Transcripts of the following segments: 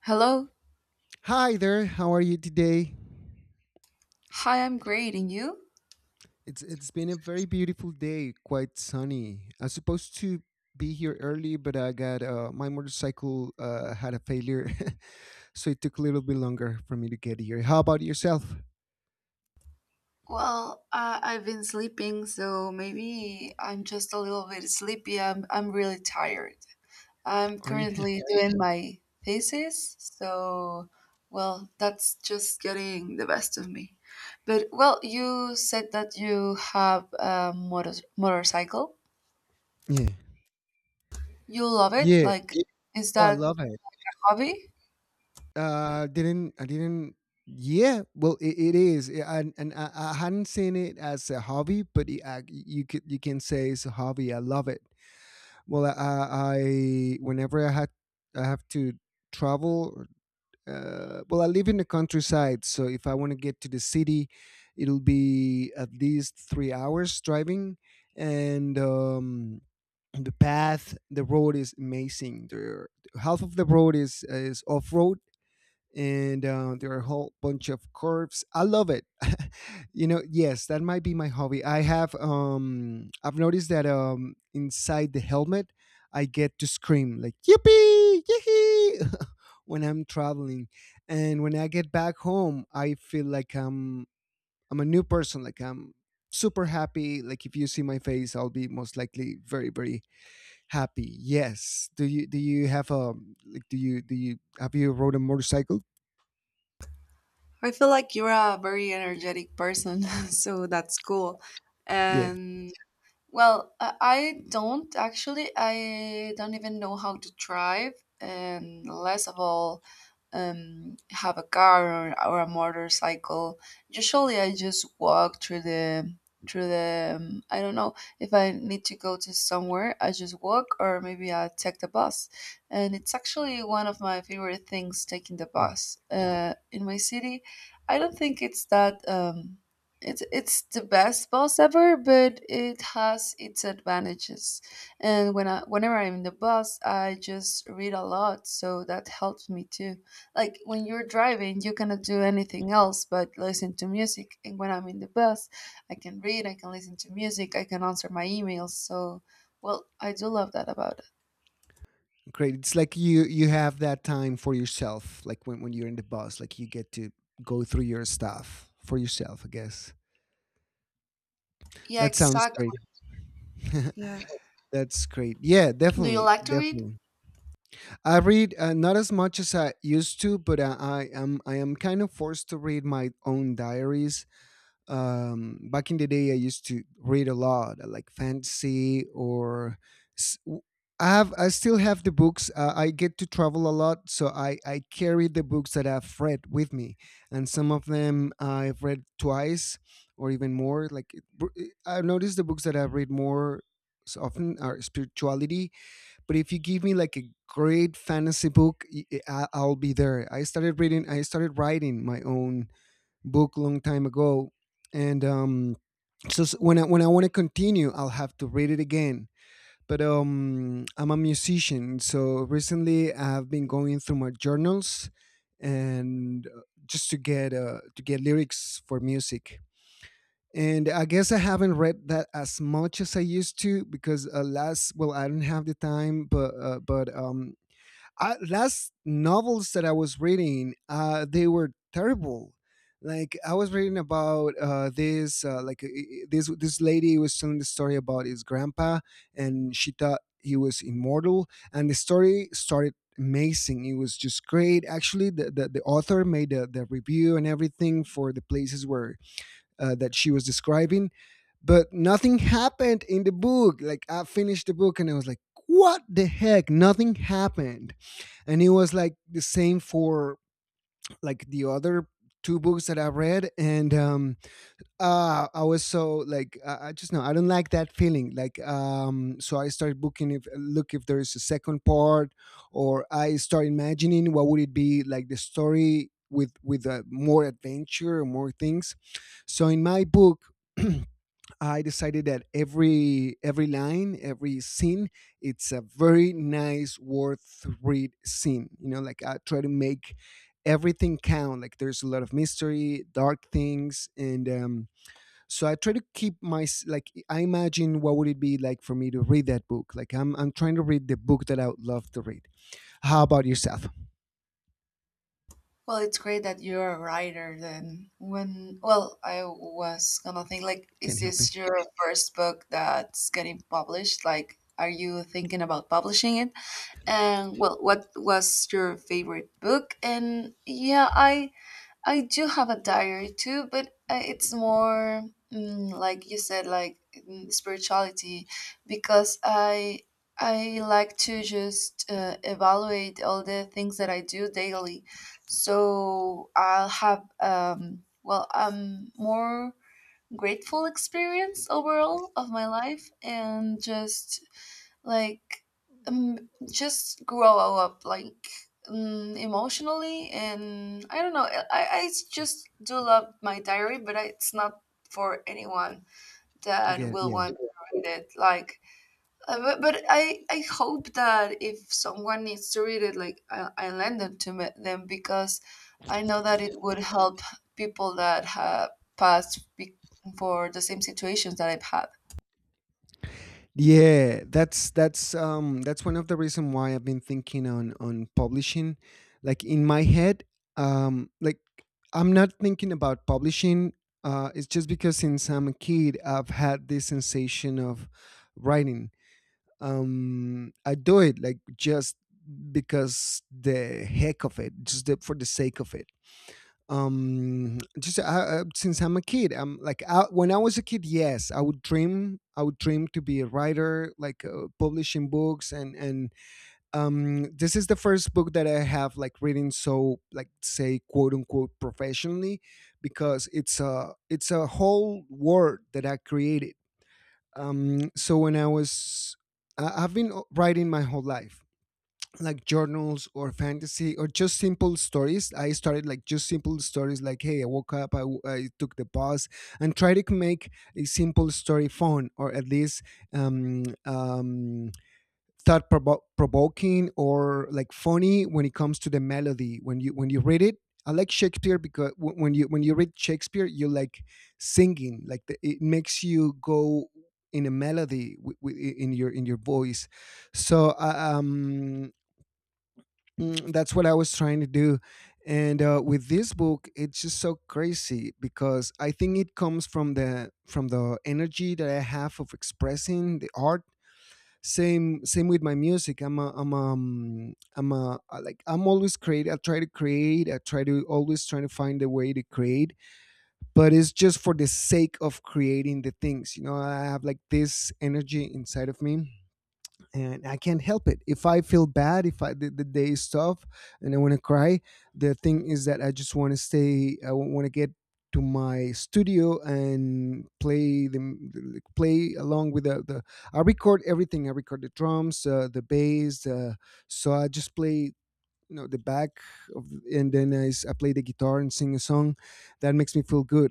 Hello. Hi there, how are you today? Hi, I'm great. And you? It's been a very beautiful day, quite sunny. I was supposed to be here early, but I got my motorcycle had a failure, so it took a little bit longer for me to get here. How about yourself? Well, I've been sleeping, so maybe I'm just a little bit sleepy. I'm really tired. I'm Are you? currently doing my thesis, so, well, that's just getting the best of me. But, well, you said that you have a motorcycle. yeah, You love it? yeah. Like, is Oh, I that love it. hobby? Didn't I didn't. Yeah, well, it is. Yeah, and I hadn't seen it as a hobby, but you can say it's a hobby. I love it. Well, I whenever I have to travel. Well, I live in the countryside, so if I want to get to the city, it'll be at least 3 hours driving, and the path, the road is amazing. The half of the road is off road, and there are a whole bunch of curves. I love it. Yes, that might be my hobby. I have I've noticed that inside the helmet, I get to scream like yippee, yippee when I'm traveling, and when I get back home, I feel like I'm a new person. Like I'm super happy. Like if you see my face, I'll be most likely very very happy. Yes. Do you have a like do you have you rode a motorcycle? I feel like you're a very energetic person, so that's cool. Yeah. And well, I don't actually. I don't even know how to drive, and less of all, have a car or a motorcycle. Usually, I just walk through the. I don't know if I need to go to somewhere. I just walk, or maybe I take the bus. And it's actually one of my favorite things, taking the Yeah. bus. In my city, I don't think it's that. It's the best bus ever, but it has its advantages. And whenever I'm in the bus, I just read a lot, so that helps me too. Like when you're driving, you cannot do anything else but listen to music. And when I'm in the bus, I can read, I can listen to music, I can answer my emails. So, well, I do love that about it. Great. It's like you have that time for yourself, like when you're in the bus, like you get to go through your stuff for yourself, I guess. Yeah, That sounds great. exactly. Yeah. That's great. Yeah, Do you definitely, like to read? definitely. I read not as much as I used to, but I am kind of forced to read my own diaries. Back in the day I used to read a lot, like fantasy or s- w- I have I still have the books. I get to travel a lot, so I carry the books that I've read with me, and some of them I've read twice or even more. I've noticed the books that I've read more often are spirituality, but if you give me like a great fantasy book, I'll be there. I started reading. I started writing my own book long time ago, and when I want to continue, I'll have to read it again. But I'm a musician, so recently I've been going through my journals and just to get lyrics for music. And I guess I haven't read that as much as I used to because last, well, I don't have the time, but last novels that I was reading, they were terrible. Like I was reading about this lady was telling the story about his grandpa, and she thought he was immortal. And the story started amazing. It was just great. Actually, the author made the review and everything for the places where that she was describing, but nothing happened in the book. Like I finished the book and I was like, what the heck? Nothing happened, and it was like the same for like the other two books that I read. And I was so like, I just know I don't like that feeling. So I started booking if look if there is a second part, or I start imagining what would it be like the story with more adventure, more things. So in my book I decided that every line, every scene, it's a very nice, worth read scene. You know, like I try to make everything count. Like there's a lot of mystery, dark things, and so I try to keep like I imagine what would it be like for me to read that book. Like I'm trying to read the book that I would love to read. How about yourself? Well, it's great that you're a writer then. When, well, I was gonna think like, is Can help me. this your first book that's getting published? Like, are you thinking about publishing it? And well, what was your favorite book? And yeah, I do have a diary too, but it's more like you said, like spirituality, because I like to just evaluate all the things that I do daily. So I'll have well, more grateful experience overall of my life, and just like just grow up like emotionally, and I don't know, I just do love my diary, but it's not for anyone that Okay, will yeah. want to read it like but I hope that if someone needs to read it like I lend it to them because I know that it would help people that have passed be- for the same situations that I've had. Yeah, that's that's one of the reason why I've been thinking on publishing. Like in my head, um like I'm not thinking about publishing. It's just because since I'm a kid I've had this sensation of writing. I do it like just because the heck of it, for the sake of it. Just Since I'm a kid I'm like, when I was a kid, yes, I would dream. I would dream to be a writer, like publishing books. And This is the first book that I have like reading, so like say, quote unquote, professionally, because it's a whole world that I created. So when I was I, I've been writing my whole life, like journals or fantasy or just simple stories. I started like just simple stories, like hey, I woke up, I took the bus, and try to make a simple story fun, or at least um, um, thought provoking, or like funny when it comes to the melody when you read it. I like Shakespeare because when you read Shakespeare, you like singing. It makes you go in a melody in your voice. so uh, um Mm, that's what I was trying to do. And with this book, it's just so crazy because I think it comes from the energy that I have of expressing the art. Same same with my music. I'm a, I'm a, I'm a I like I'm always create. I try to create. I try to always trying to find a way to create. But it's just for the sake of creating the things. You know, I have like this energy inside of me and I can't help it. If I feel bad, if the day is tough and I want to cry, the thing is that I just want to stay. I want to get to my studio and play like, play along with the I record everything. I record the drums, the bass, so I just play, you know, the back of, and then I play the guitar and sing a song that makes me feel good.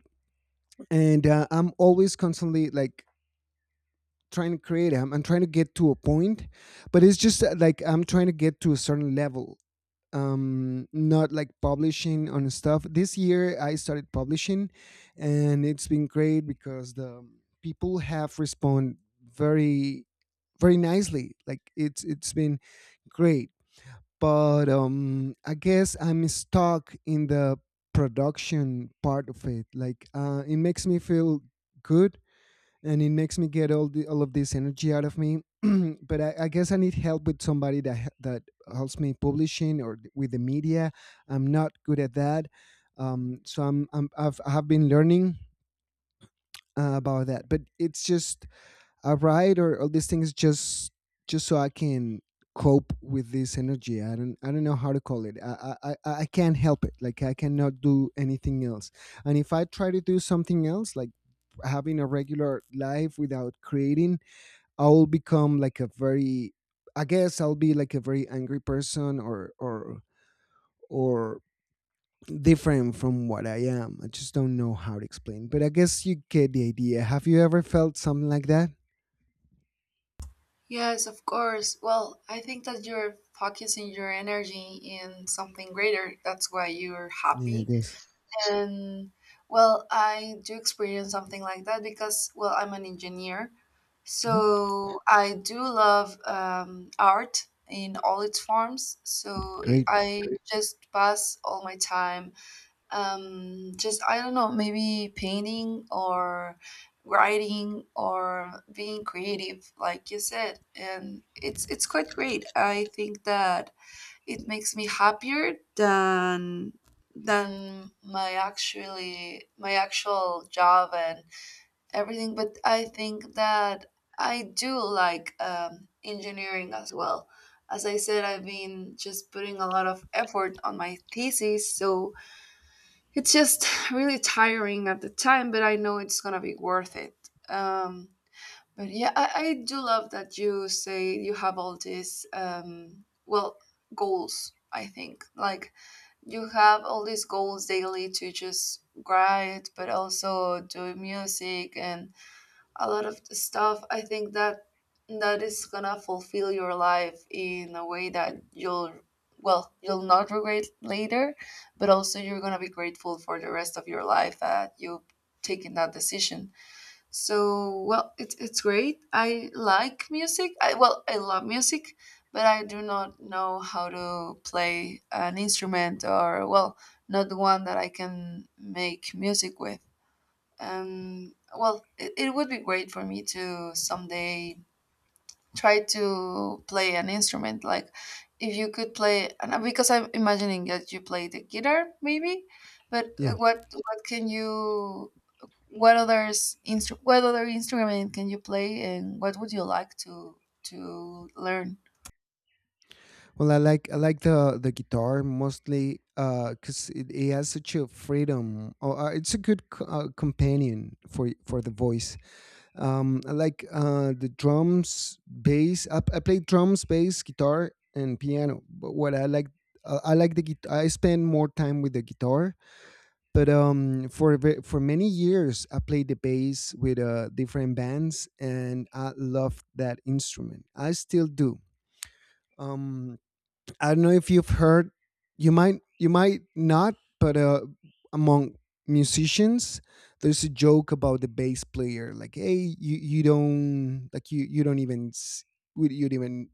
And I'm always constantly like trying to create. I'm trying to get to a point, but it's just like I'm trying to get to a certain level, not like publishing on stuff. This year I started publishing, and it's been great because the people have responded very very nicely. Like it's been great. But I guess I'm stuck in the production part of it. Like it makes me feel good, and it makes me get all of this energy out of me. I guess I need help with somebody that helps me publishing or with the media. I'm not good at that, I have been learning about that. But it's just I write or all these things just so I can cope with this energy. I don't know how to call it. I can't help it. Like I cannot do anything else. And if I try to do something else, like having a regular life without creating, I'll become like a very, I guess I'll be like a very angry person, or different from what I am. I just don't know how to explain. But I guess you get the idea. Have you ever felt something like that? Yes, of course. Well, I think that you're focusing your energy in something greater. That's why you're Yeah, I happy. guess. And well, I do experience something like that because, well, I'm an engineer. Uh-huh. So I do love art in all its forms. So I Great. I just pass all my time just I don't know, maybe painting or writing or being creative like you said, and it's quite great. I think that it makes me happier than my actual job and everything, but I think that I do like engineering as well. As I said, I've been just putting a lot of effort on my thesis, so it's just really tiring at the time, but I know it's gonna be worth it. Um, but yeah, I do love that you say you have all these well, goals. I think like you have all these goals daily to just write, but also do music and a lot of the stuff. I think that that is gonna fulfill your life in a way that you'll well you'll not regret later, but also you're gonna be grateful for the rest of your life that you've taken that decision. So well, it's great. I like music, I well I love music, but I do not know how to play an instrument, or well, not the one that I can make music with. Well, it would be great for me to someday try to play an instrument. Like, if you could play, and because I'm imagining that you play the guitar, maybe. But Yeah. What can you? What other instrument can you play, and what would you like to learn? Well, I like the guitar mostly because it has such a freedom. Or it's a good companion for for the voice. I like the drums, bass. I play drums, bass, guitar, and piano. But what I like the guitar. I spend more time with the guitar. But for many years, I played the bass with different bands, and I loved that instrument. I still do. Um, I don't know if you've heard. You might not, but among musicians, there's a joke about the bass player. Like, hey, you don't like you don't even would you even,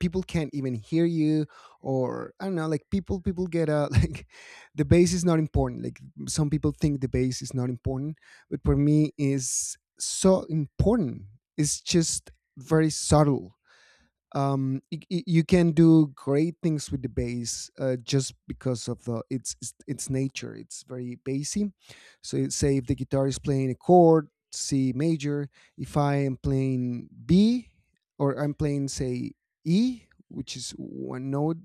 people can't even hear you, or I don't know, like people get a like the bass is not important. Like some people think the bass is not important, but for me is so important. It's just very subtle. You can do great things with the bass, just because of the its nature. It's very bassy. So say if the guitar is playing a chord C major, if I am playing B, or I'm playing, say, E, which is one note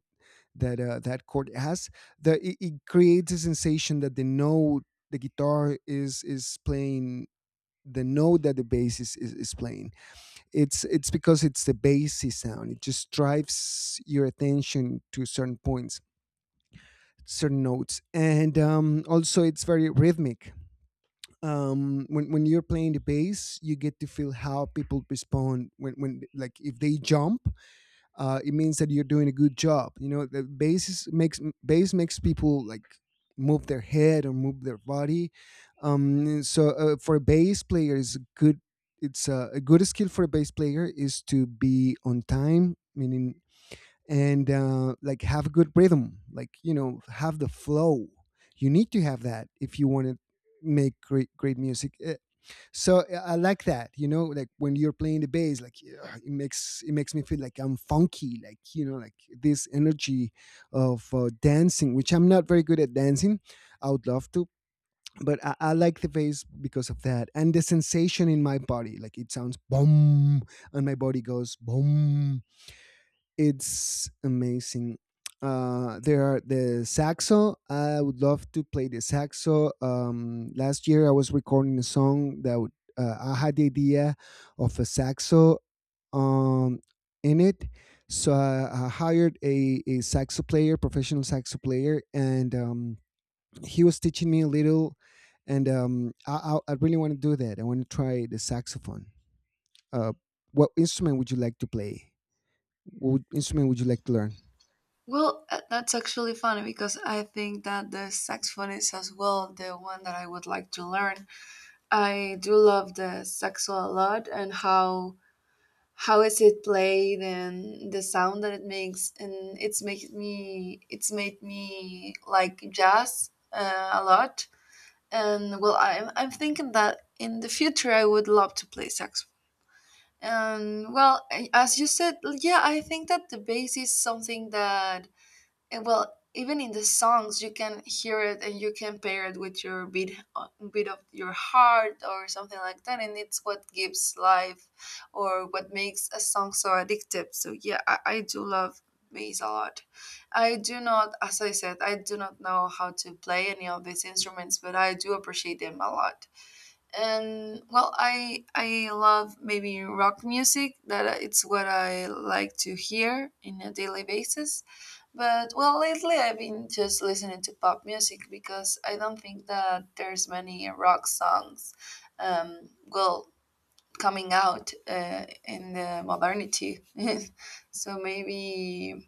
that that chord has, the it, it creates a sensation that the note the guitar is playing, the note that the bass is playing, it's because it's the bassy sound. It just drives your attention to certain points, certain notes, and also it's very rhythmic. When you're playing the bass, you get to feel how people respond when like if they jump, it means that you're doing a good job. You know, the bass is- makes bass makes people like move their head or move their body. For a bass player, is good. It's a good skill for a bass player is to be on time, meaning and like have a good rhythm, like you know, have the flow. You need to have that if you want to make great great music. So I like that, you know, like when you're playing the bass, like yeah, it makes me feel like I'm funky, like you know, like this energy of dancing, which I'm not very good at dancing. I would love to, I like the bass because of that, and the sensation in my body, like it sounds boom and my body goes boom. It's amazing. There are the saxo. I would love to play the saxo. Last year I was recording a song that I had the idea of a saxo um, in it. So I hired a saxo player, professional saxo player, and he was teaching me a little. And I really want to do that. I want to try the saxophone. Uh, what instrument would you like to play? What instrument would you like to learn? Well, that's actually funny because I think that the saxophone is as well the one that I would like to learn. I do love the saxo a lot, and how is it played and the sound that it makes, and it's made me like jazz a lot. And well, I'm thinking that in the future I would love to play saxophone. And well, as you said, yeah, I think that the bass is something that and well, even in the songs, you can hear it and you can pair it with your beat, beat of your heart or something like that. And it's what gives life or what makes a song so addictive. So, yeah, I do love bass a lot. I do not, as I said, I do not know how to play any of these instruments, but I do appreciate them a lot. And well, I love maybe rock music. That it's what I like to hear in a daily basis, but well, lately I've been just listening to pop music because I don't think that there's many rock songs, well, coming out in the modernity. So maybe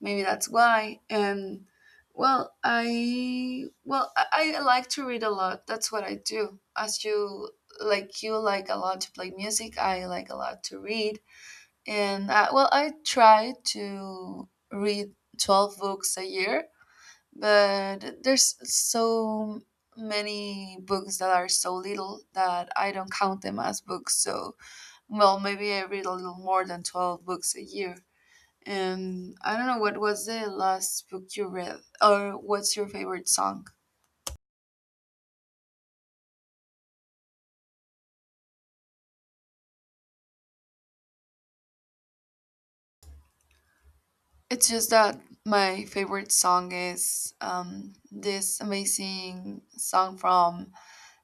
maybe that's why. And well, I well I like to read a lot. That's what I do. As you like a lot to play music. I like a lot to read. And well, I try to read 12 books a year, but there's so many books that are so little that I don't count them as books. So, well, maybe I read a little more than 12 books a year. And I don't know what was the last book you read, or what's your favorite song? It's just that my favorite song is this amazing song from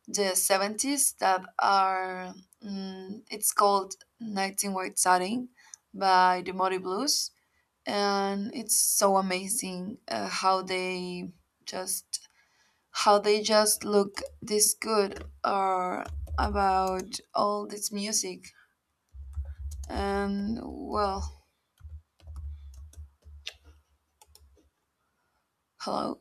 the 70s that are it's called 19 White Satin by the Muddy Blues, and it's so amazing just how they just look this good or about all this music. And well, hello.